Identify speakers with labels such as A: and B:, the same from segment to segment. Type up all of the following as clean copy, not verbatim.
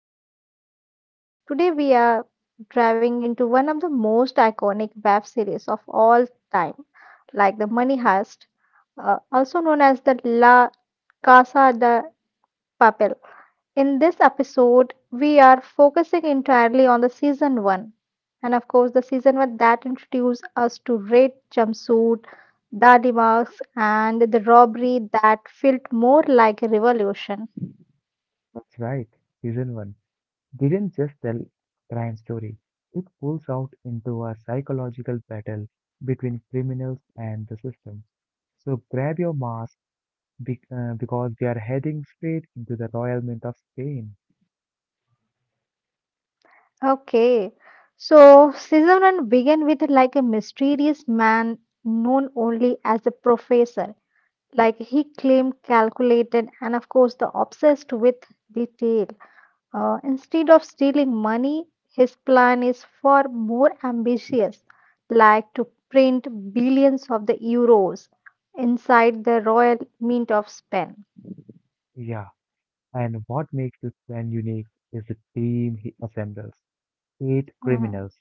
A: back to the podcast. Today, we are driving into one of the most iconic web series of all time, like The Money Heist, also known as the La Casa de Papel. In this episode, we are focusing entirely on the season one, and of course, the season one that introduced us to Red Jumpsuit, Daddy Marks, and the robbery that felt more like a revolution.
B: That's right. Season 1 didn't just tell crime story. It pulls out into a psychological battle between criminals and the system. So grab your mask because we are heading straight into the Royal Mint of Spain.
A: Okay. So Sizzler began with like a mysterious man known only as a professor. Like he claimed calculated and of course the obsessed with detail. Instead of stealing money, his plan is far more ambitious, like to print billions of the euros inside the Royal Mint of Spain.
B: Yeah, and what makes this plan unique is the team he assembles. Eight
A: Mm-hmm.
B: criminals,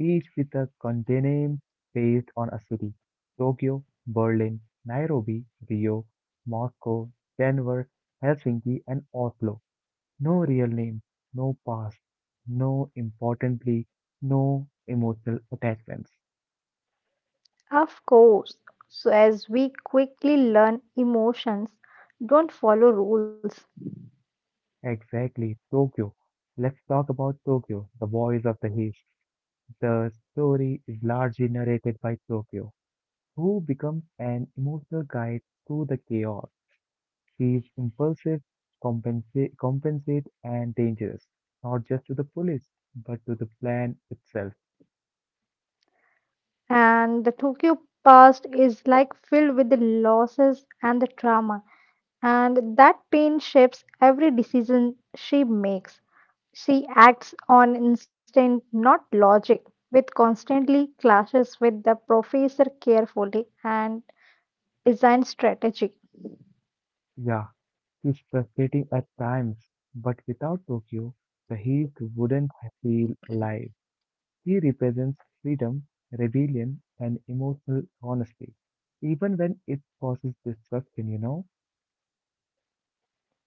B: each with a codename based on a city: Tokyo, Berlin, Nairobi, Rio, Moscow, Denver, Helsinki, and Oslo. No real name, no past, no importantly, no emotional attachments.
A: Of course, so as we quickly learn, emotions don't follow rules,
B: Exactly, Tokyo. Let's talk about Tokyo, the voice of the East. The story is largely narrated by Tokyo, who becomes an emotional guide through the chaos. He is impulsive, compensate, and dangerous, not just to the police, but to the plan itself.
A: and the Tokyo past is like filled with the losses and the trauma, and that pain shapes every decision she makes. She acts on instinct, not logic, which constantly clashes with the professor carefully and design strategy.
B: Yeah, he's frustrating at times, but without Tokyo, the Heat wouldn't feel alive. He represents freedom, rebellion, and emotional honesty, even when it causes destruction, you know?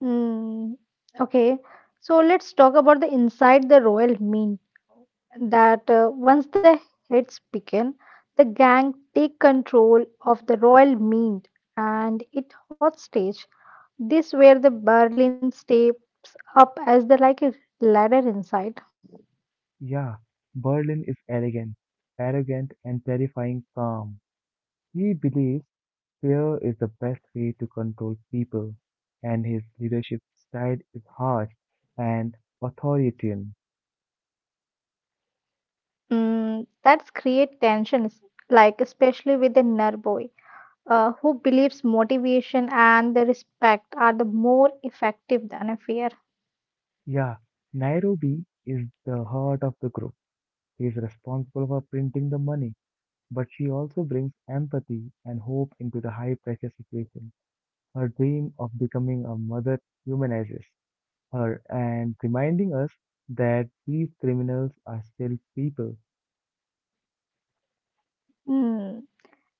A: Hmm. Okay, so let's talk about the inside the royal mean. That once the hits begin, the gang take control of the royal meet and it hostage. This where the Berlin stay up as the like a ladder inside.
B: Yeah, Berlin is elegant, arrogant, and terrifying calm. He believes fear is the best way to control people, and his leadership style is harsh and authoritarian.
A: Mm, that's create tensions, like especially with the Nerboy, who believes motivation and the respect are the more effective than a fear.
B: Yeah, Nairobi is the heart of the group. She is responsible for printing the money, but she also brings empathy and hope into the high pressure situation. Her dream of becoming a mother humanizes her and reminding us that these criminals are still people.
A: Hmm.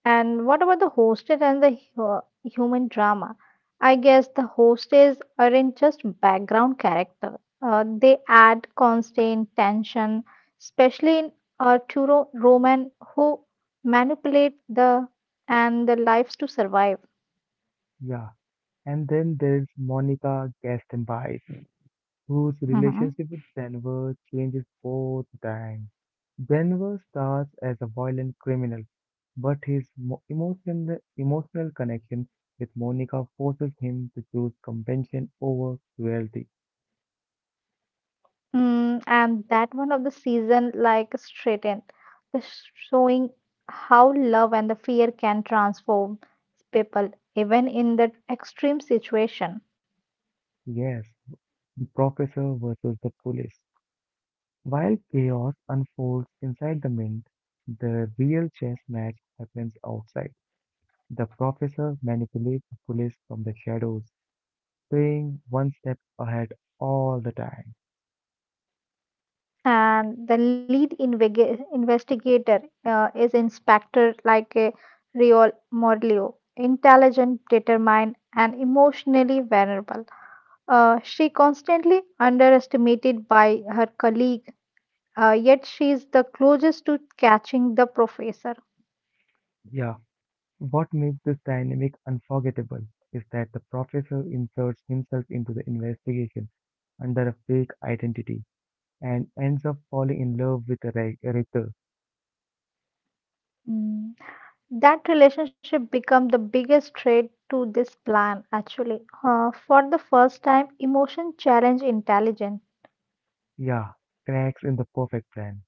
A: And what about the hostess and the human drama? I guess the hostess aren't just background character. They add constant tension, especially in Arturo Roman, who manipulate the and the lives to survive.
B: Yeah, and then there's Monica Gastenby, whose
A: Hmm.
B: relationship with Denver changes both times. Denver starts as a violent criminal, but his emotional connection with Monica forces him to choose convention over cruelty.
A: Mm, and that one of the season like straightened, the showing how love and the fear can transform people even in the extreme situation.
B: Yes, professor versus the police. While chaos unfolds inside the mint, the real chess match happens outside. The professor manipulates the police from the shadows being one step ahead all the time.
A: And the lead investigator is Inspector like a Rio Morleo, intelligent, determined, and emotionally vulnerable. She constantly underestimated by her colleague, yet she is the closest to catching the professor.
B: Yeah, what makes this dynamic unforgettable is that the professor inserts himself into the investigation under a fake identity and ends up falling in love with the rector.
A: Mm. That relationship become the biggest threat to this plan. Actually, for the first time, emotion challenge intelligence.
B: Yeah, cracks in the perfect plan.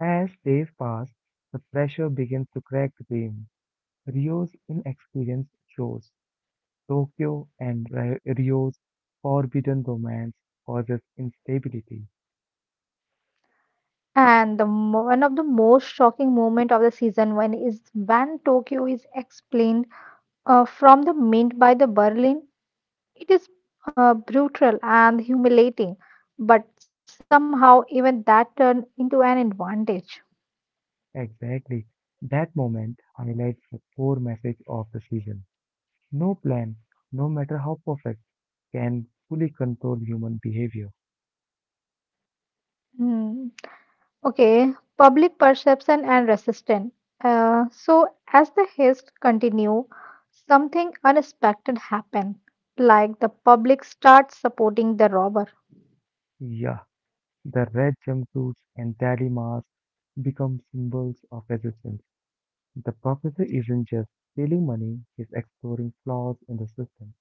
B: As days pass, the pressure begins to crack the team. Rio's inexperience shows. Tokyo and Rio's forbidden romance causes instability.
A: And the one of the most shocking moment of the season one is when Tokyo is explained from the mint by the Berlin. It is brutal and humiliating, but somehow even that turned into an advantage.
B: Exactly. That moment highlights the core message of the season. No plan, no matter how perfect, can fully control human behavior.
A: Hmm. Okay, public perception and resistance. So as the haste continue, something unexpected happened, like the public starts supporting the robber.
B: Yeah, the red jumpsuits and daddy masks become symbols of resistance. The professor isn't just stealing money, he's exploring flaws in the system.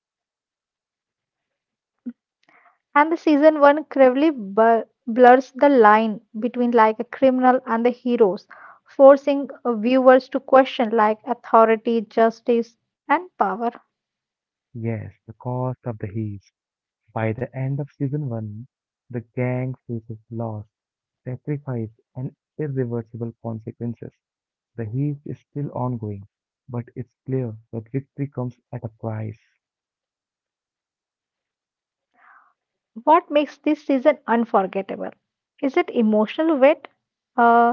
A: And the season one cruelly blurs the line between like a criminal and the heroes, forcing viewers to question like authority, justice, and power.
B: Yes, the cost of the heist. By the end of season one, the gang faces loss, sacrifice, and irreversible consequences. The heat is still ongoing, but it's clear that victory comes at a price.
A: What makes this season unforgettable? Is it emotional weight? Uh,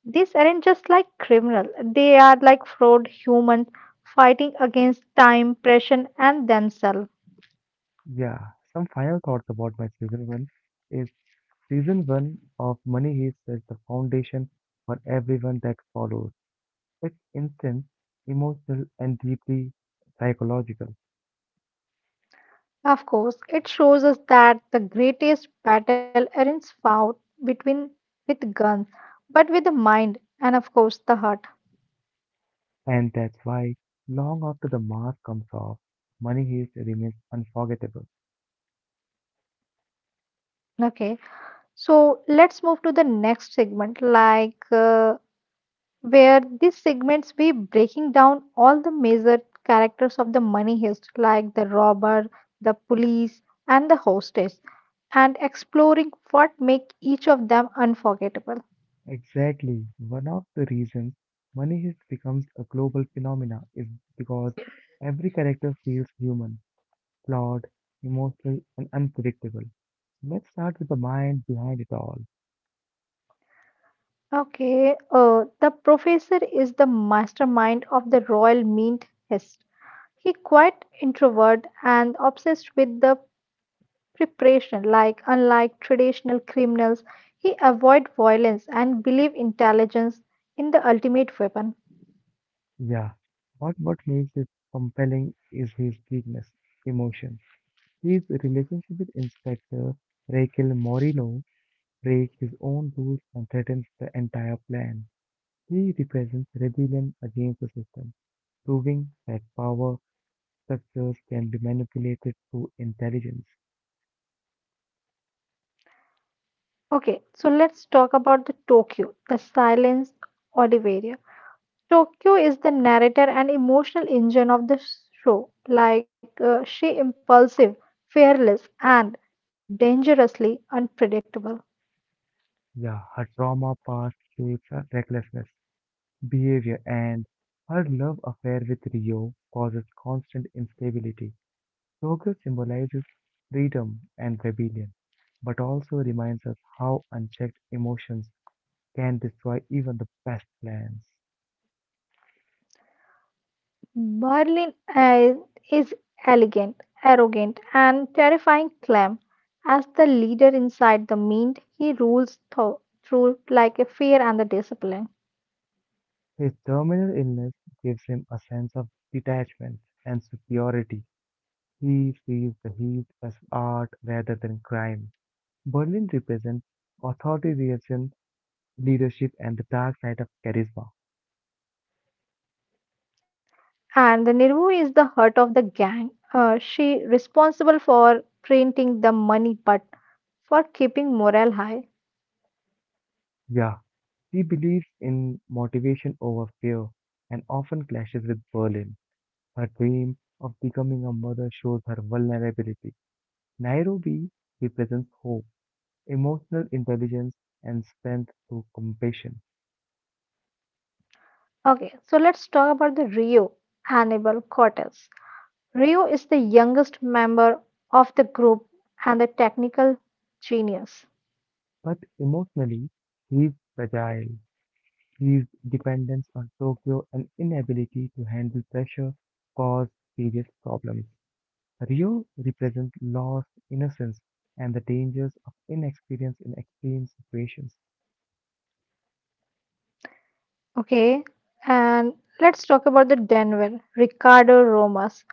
A: these aren't just like criminal; they are like fraud humans fighting against time, pressure, and themselves.
B: Yeah, some final thoughts about my season one is season one of Money Heist sets the foundation for everyone that follows. It's intense, emotional, and deeply psychological,
A: Of course, it shows us that the greatest battle aren't fought between with guns, but with the mind and of course the heart.
B: and that's why long after the mask comes off, Money Heist remains unforgettable.
A: Okay, so let's move to the next segment, like where these segments be breaking down all the major characters of the money heist, like the robber, the police, and the hostess, and exploring what make each of them unforgettable.
B: Exactly. One of the reasons Money Heist becomes a global phenomena is because every character feels human, flawed, emotional, and unpredictable. Let's start with the mind behind it all.
A: Okay, the professor is the mastermind of the Royal Mint Hest. He quite introvert and obsessed with the preparation. Like unlike traditional criminals, he avoid violence and believe intelligence in the ultimate weapon.
B: Yeah, what makes it compelling is his weakness, emotion. His relationship with Inspector Raquel Moreno breaks his own rules and threatens the entire plan. He represents rebellion against the system, proving that power structures can be manipulated through intelligence.
A: Okay, so let's talk about the Tokyo, the silence Oliveira. Tokyo is the narrator and emotional engine of the show. Like she impulsive, fearless, and dangerously unpredictable.
B: Yeah, her trauma past shapes her recklessness, behavior, and her love affair with Rio causes constant instability. Tokyo symbolizes freedom and rebellion, but also reminds us how unchecked emotions can destroy even the best plans.
A: Berlin is elegant, arrogant, and terrifying Clem. As the leader inside the mind, he rules through like a fear and the discipline.
B: His terminal illness gives him a sense of detachment and superiority. He sees the heat as art rather than crime. Berlin represents authoritarian leadership and the dark side of charisma.
A: And the Nirvu is the heart of the gang. She responsible for printing the money, but for keeping morale high.
B: Yeah, he believes in motivation over fear and often clashes with Berlin. Her dream of becoming a mother shows her vulnerability. Nairobi represents hope, emotional intelligence, and strength through compassion.
A: Okay, so let's talk about the Rio Hannibal Cortez. Rio is the youngest member of the group and the technical genius.
B: But emotionally, he is fragile. His dependence on Tokyo and inability to handle pressure cause serious problems. Rio represents loss, innocence, and the dangers of inexperience in extreme situations.
A: Okay, and let's talk about the Denver Ricardo Romas.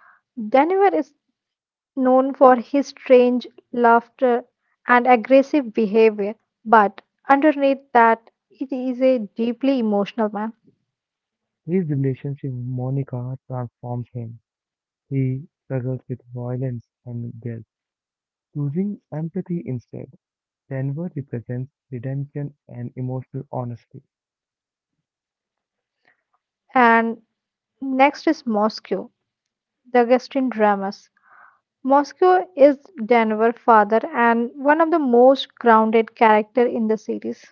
A: Denver is known for his strange laughter and aggressive behavior, but underneath that, it is a deeply emotional man.
B: His relationship with Monica transforms him. He struggles with violence and guilt, choosing empathy instead. Denver represents redemption and emotional honesty.
A: And next is Moscow, the Augustine Dramas. Moscow is Denver's father and one of the most grounded character in the series.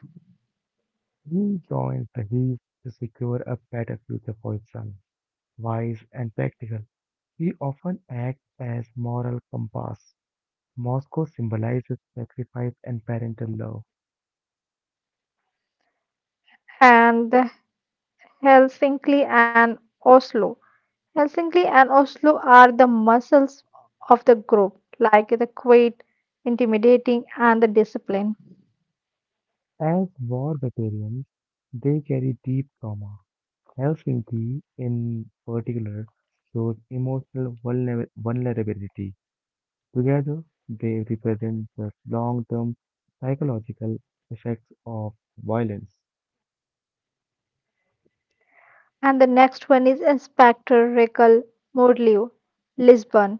B: He joins the Heat to secure a better future for his son. Wise and practical, he often acts as moral compass. Moscow symbolizes sacrifice and parental love.
A: And the Helsinki and Oslo. Helsinki and Oslo are the muscles of the group, like the quiet, intimidating, and the discipline.
B: As war veterans, they carry deep trauma. Helsinki, in particular, shows emotional vulnerability. Together, they represent the long term psychological effects of violence.
A: And the next one is Inspector Raquel Mordleu, Lisbon.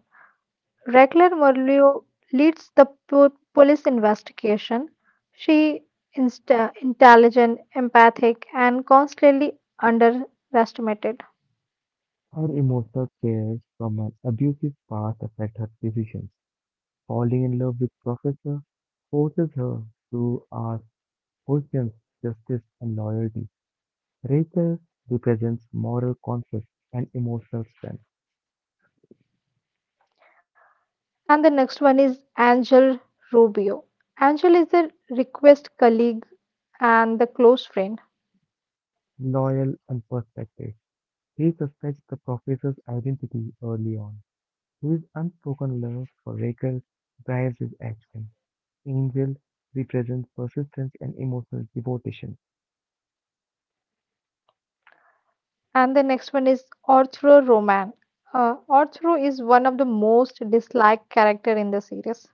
A: Regular Merlot leads the police investigation. She is intelligent, empathic, and constantly underestimated.
B: Her emotional scars from an abusive past affect her decisions. Falling in love with Professor forces her to ask questions, justice, and loyalty. Rachel represents moral conflict and emotional strength,
A: And the next one is Angel Rubio. Angel is a request colleague and the close friend.
B: loyal and perspective. He suspects the professor's identity early on. His unspoken love for Rachel drives his action. Angel represents persistence and emotional devotion.
A: And the next one is Arturo Roman. Arturo is one of the most disliked character in the series.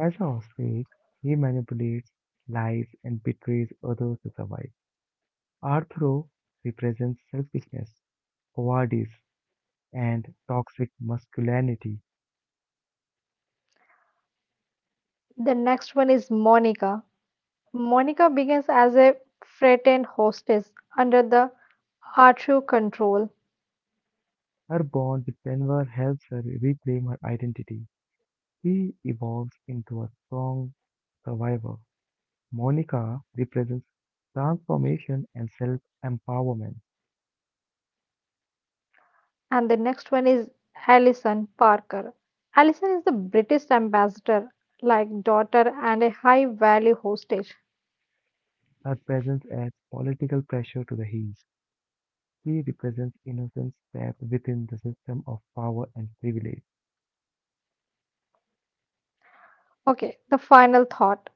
B: As a hostage, he manipulates, lies, and betrays others to survive. Arthur represents selfishness, cowardice, and toxic masculinity.
A: The next one is Monica. Monica begins as a frightened hostess under the Arthur control,
B: Her bond with Denver helps her reclaim her identity. She evolves into a strong survivor. Monica represents transformation and self empowerment.
A: and the next one is Alison Parker. Alison is the British ambassador, like daughter, and a high value hostage.
B: Her presence adds political pressure to the heels. She represents innocence trapped within the system of power and privilege.
A: Okay, the final thought.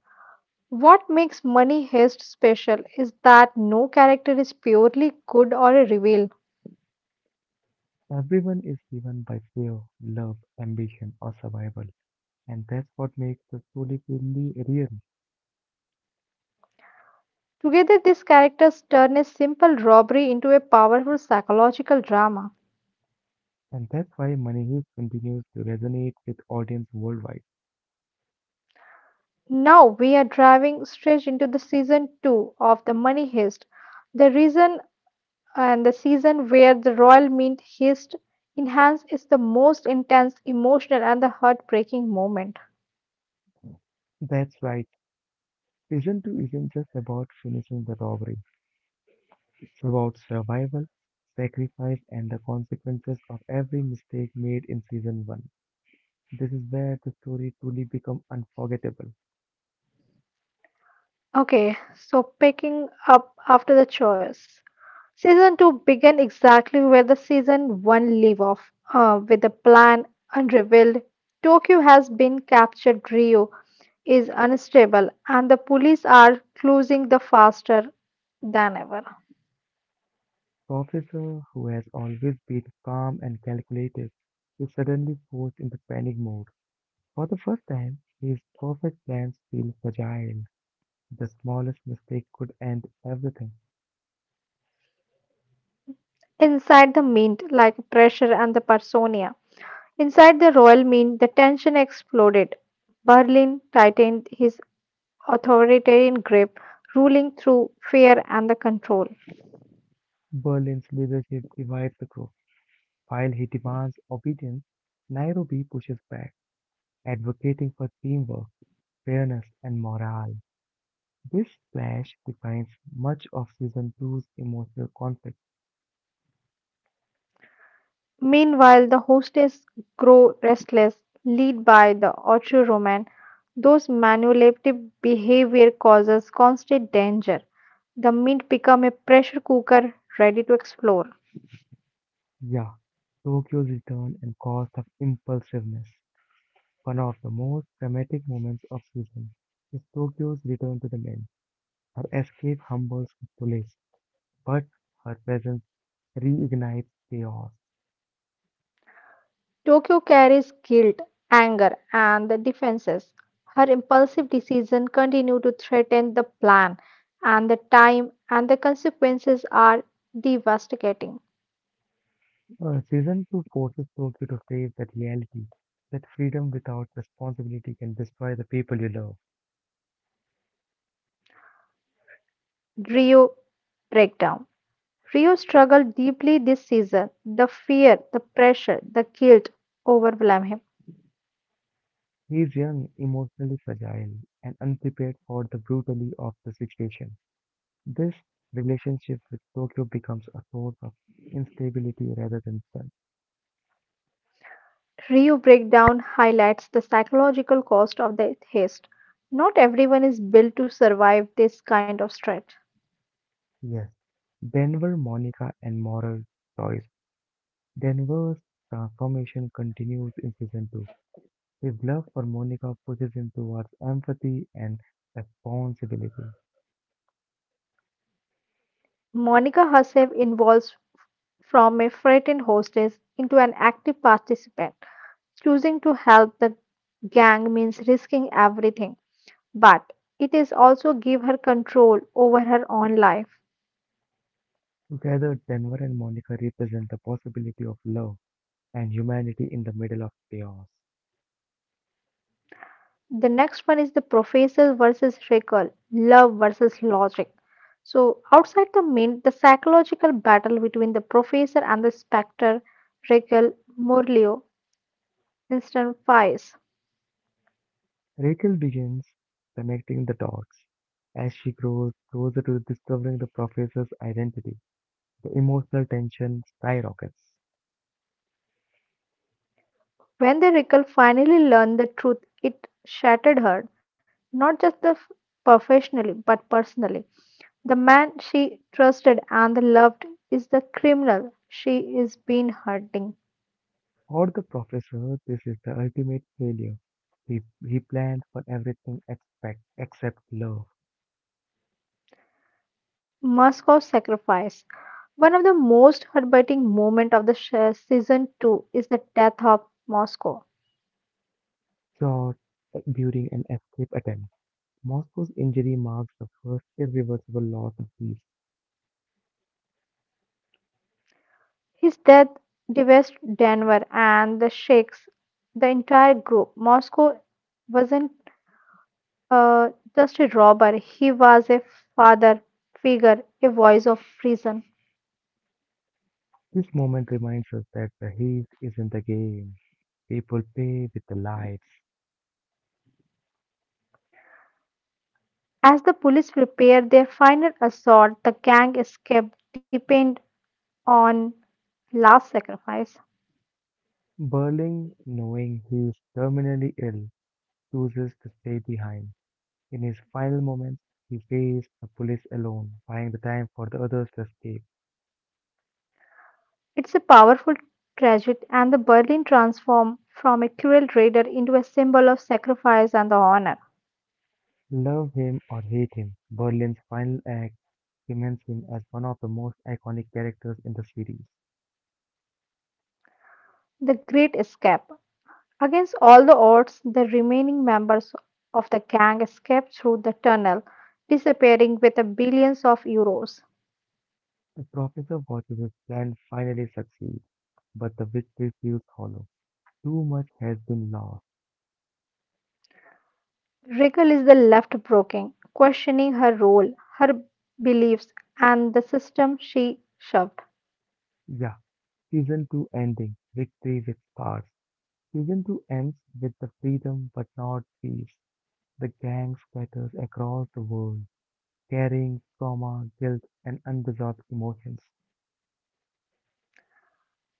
A: What makes Money Heist special is that no character is purely good or a reveal.
B: Everyone is driven by fear, love, ambition, or survival, and that's what makes the story truly real.
A: Together, these characters turn a simple robbery into a powerful psychological drama.
B: And that's why Money Heist continues to resonate with audience worldwide.
A: Now we are driving straight into the season two of the money heist. The reason and the season where the royal mint heist enhance is the most intense, emotional, and the heartbreaking moment.
B: That's right. Season 2 isn't just about finishing the robbery, it's about survival, sacrifice, and the consequences of every mistake made in Season 1. This is where the story truly becomes unforgettable.
A: Okay, so picking up after the choice. Season 2 began exactly where the season 1 leave off, with a plan unrevealed. Tokyo has been captured, Rio is unstable, and the police are closing the faster than ever.
B: The officer, who has always been calm and calculated, is suddenly forced into panic mode. For the first time, his perfect plans feel fragile. The smallest mistake could end everything.
A: Inside the mint, like pressure and the Parsonia. Inside the royal mint, the tension exploded. Berlin tightened his authoritarian grip, ruling through fear and the control.
B: Berlin's leadership divides the group. While he demands obedience, Nairobi pushes back, advocating for teamwork, fairness, and morale. This clash defines much of season two's emotional conflict.
A: Meanwhile, the hostess grow restless, lead by the autoroman. Those manipulative behavior causes constant danger. The mint become a pressure cooker ready to explode.
B: Yeah, Tokyo's return and cost of impulsiveness. One of the most dramatic moments of season is Tokyo's return to the men. Her escape humbles the police, but her presence reignites chaos.
A: Tokyo carries guilt, anger, and the defenses. Her impulsive decisions continue to threaten the plan, and the time and the consequences are devastating.
B: Season 2 forces Tokyo to face that reality that freedom without responsibility can destroy the people you love.
A: Rio breakdown. Rio struggled deeply this season. The fear, the pressure, the guilt overwhelm him.
B: He is young, emotionally fragile, and unprepared for the brutality of the situation. This relationship with Tokyo becomes a source of instability rather than strength.
A: Rio breakdown highlights the psychological cost of the haste. Not everyone is built to survive this kind of stress.
B: Yes, Denver, Monica, and moral choice. Denver's transformation continues in season 2. His love for Monica pushes him towards empathy and responsibility.
A: Monica herself evolves from a frightened hostess into an active participant. Choosing to help the gang means risking everything, but it is also give her control over her own life.
B: Together, Denver and Monica represent the possibility of love and humanity in the middle of chaos.
A: The next one is the professor versus recall, love versus logic. So, outside the main, the psychological battle between the professor and the spectre, Recall Morleo, instant fires.
B: Rachel begins connecting the dots as she grows closer to discovering the professor's identity. The emotional tension skyrockets.
A: When the Recall finally learned the truth, it shattered her, not just the professionally but personally. The man she trusted and loved is the criminal she is been hurting.
B: For the professor, this is the ultimate failure. He, he planned for everything except love,
A: Moscow sacrifice. One of the most heartbreaking moments of the season 2 is the death of Moscow.
B: short during an escape attempt. Moscow's injury marks the first irreversible loss of peace.
A: His death devastated Denver and the Sheiks, the entire group. Moscow wasn't uh, just a robber, he was a father figure, a voice of reason.
B: This moment reminds us that the heat isn't the game. People play with the lights.
A: As the police prepared their final assault, the gang escaped depend on last sacrifice.
B: Berling, knowing he is terminally ill, chooses to stay behind. In his final moments, he faced the police alone, buying the time for the others to escape.
A: It's a powerful tragedy, and the Berlin transformed from a cruel raider into a symbol of sacrifice and the honor.
B: Love him or hate him, Berlin's final act cements him as one of the most iconic characters in the series.
A: The Great Escape. Against all the odds, the remaining members of the gang escaped through the tunnel, disappearing with the billions of euros.
B: The professor watches his plan finally succeed, but the victory feels hollow. Too much has been lost.
A: Riggle is the left broken, questioning her role, her beliefs, and the system she shoved.
B: Yeah, Season 2 ending, Victory with Scars. Season 2 ends with the freedom but not peace. The gang scatters across the world, carrying trauma, guilt, and unresolved emotions.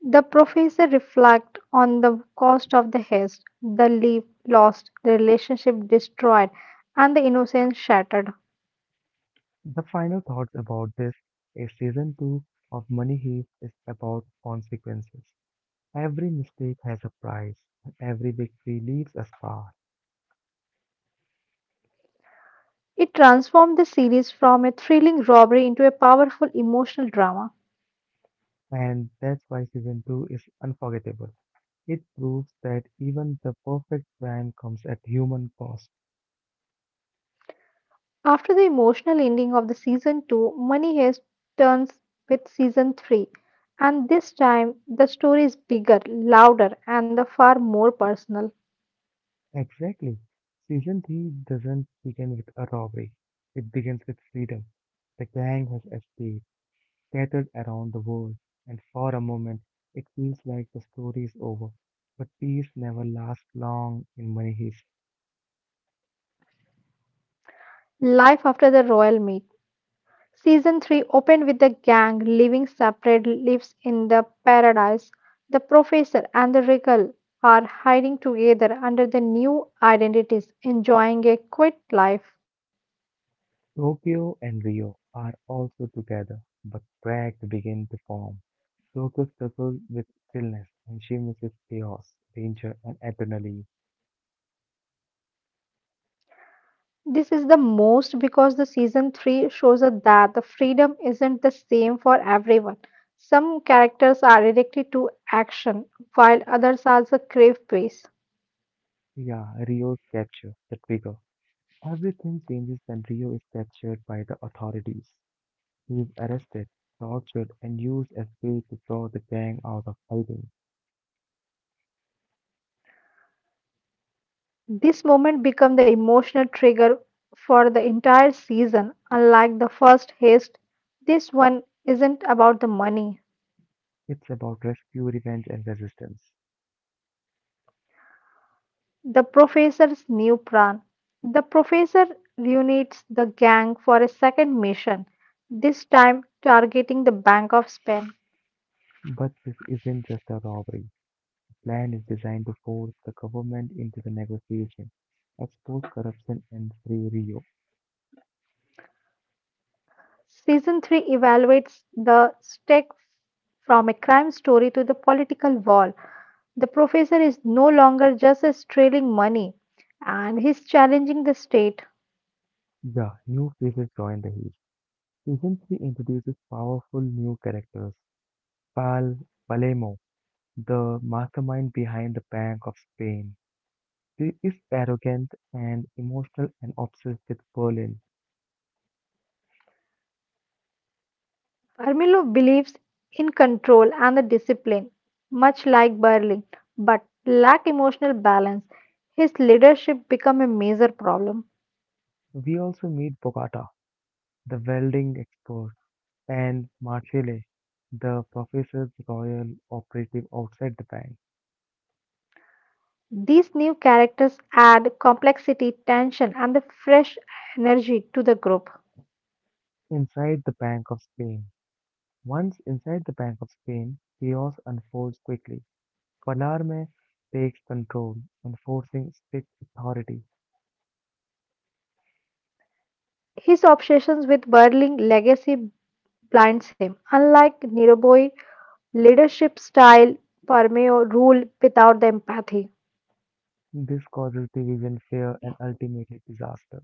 A: The professor reflects on the cost of the haste, the leap lost, the relationship destroyed, and the innocence shattered.
B: The final thoughts about this is Season 2 of Money Heist is about consequences. Every mistake has a price, and every victory leaves a scar.
A: It transformed the series from a thrilling robbery into a powerful emotional drama.
B: And that's why Season 2 is unforgettable. It proves that even the perfect plan comes at human cost.
A: After the emotional ending of the season 2, Money Heist turns with season 3, and this time the story is bigger, louder, and the far more personal.
B: Exactly. Season 3 doesn't begin with a robbery, it begins with freedom. The gang has escaped, scattered around the world, and for a moment it feels like the story is over. But peace never lasts long in money heist.
A: Life after the royal meet. Season 3 opened with the gang living separate lives in the paradise. The professor and the regal are hiding together under the new identities, enjoying a quiet life.
B: Tokyo and Rio are also together, but cracks begin to form. Tokyo struggles with stillness, and she misses chaos, danger, and adrenaline.
A: This is the most because the season 3 shows us that the freedom isn't the same for everyone. Some characters are addicted to action, while others also crave peace.
B: Yeah, Rio's capture, the trigger. Everything changes when Rio is captured by the authorities. He is arrested, tortured, and used as bait to draw the gang out of hiding.
A: This moment became the emotional trigger for the entire season. Unlike the first heist, this one isn't about the money.
B: It's about rescue, revenge, and resistance.
A: The professor's new plan. The professor reunites the gang for a second mission, this time targeting the Bank of Spain.
B: But this isn't just a robbery. The plan is designed to force the government into the negotiation, expose corruption, and free Rio.
A: Season 3 evaluates the stake from a crime story to the political wall. The professor is no longer just stealing money and he's challenging the state.
B: The new faces join the heist. Season 3 introduces powerful new characters. Pal Palemo, the mastermind behind the Bank of Spain. She is arrogant and emotional and obsessed with Berlin.
A: Armillo believes in control and the discipline, much like Berlin, but lack emotional balance. His leadership become a major problem.
B: We also meet Bogata, the welding expert, and Marcelle, the professor's royal operative outside the bank.
A: These new characters add complexity, tension, and the fresh energy to the group.
B: Inside the Bank of Spain. Once inside the Bank of Spain, chaos unfolds quickly. Palermo takes control, enforcing strict authority.
A: His obsessions with Berlin legacy blinds him. Unlike Niroboi, leadership style permeo rule without the empathy.
B: This causes division, fear, and ultimately disaster.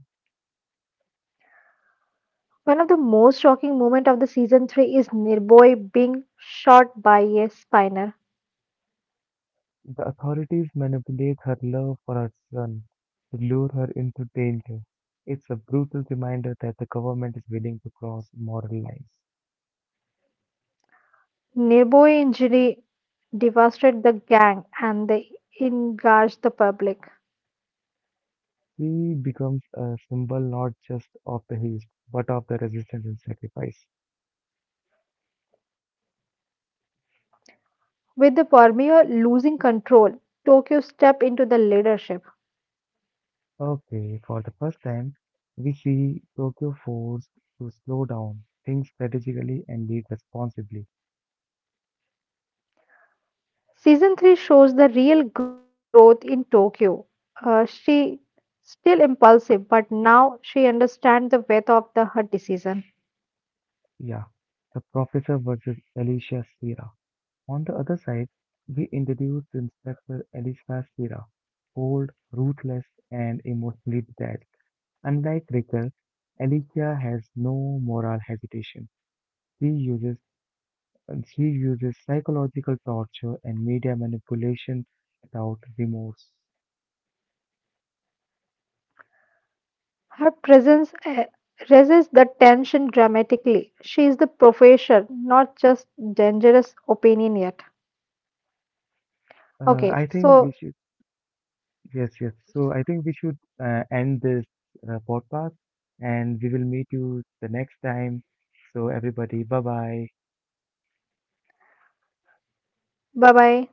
A: One of the most shocking moments of the season 3 is Nirboy being shot by a spinner.
B: The authorities manipulate her love for her son to lure her into danger. It's a brutal reminder that the government is willing to cross moral lines.
A: Nirboy injury devastated the gang and they engaged the public.
B: She becomes a symbol not just of the East, but of the resistance and sacrifice.
A: With the Premier losing control, Tokyo stepped into the leadership.
B: Okay, for the first time, we see Tokyo forced to slow down, think strategically, and lead responsibly.
A: Season 3 shows the real growth in Tokyo. She still impulsive, but now she understands the weight of the her decision.
B: Yeah, the professor versus Alicia Sierra. On the other side, we introduce Inspector Elisa Shira, cold, ruthless, and emotionally detached. Unlike Ricker, Alicia has no moral hesitation. She uses she uses psychological torture and media manipulation without remorse.
A: Her presence raises the tension dramatically. She is the professor, not just dangerous opinion yet. Okay,
B: I think we
A: so
B: should yes, yes. So I think we should end this podcast, and we will meet you the next time. So everybody, bye bye.
A: bye bye.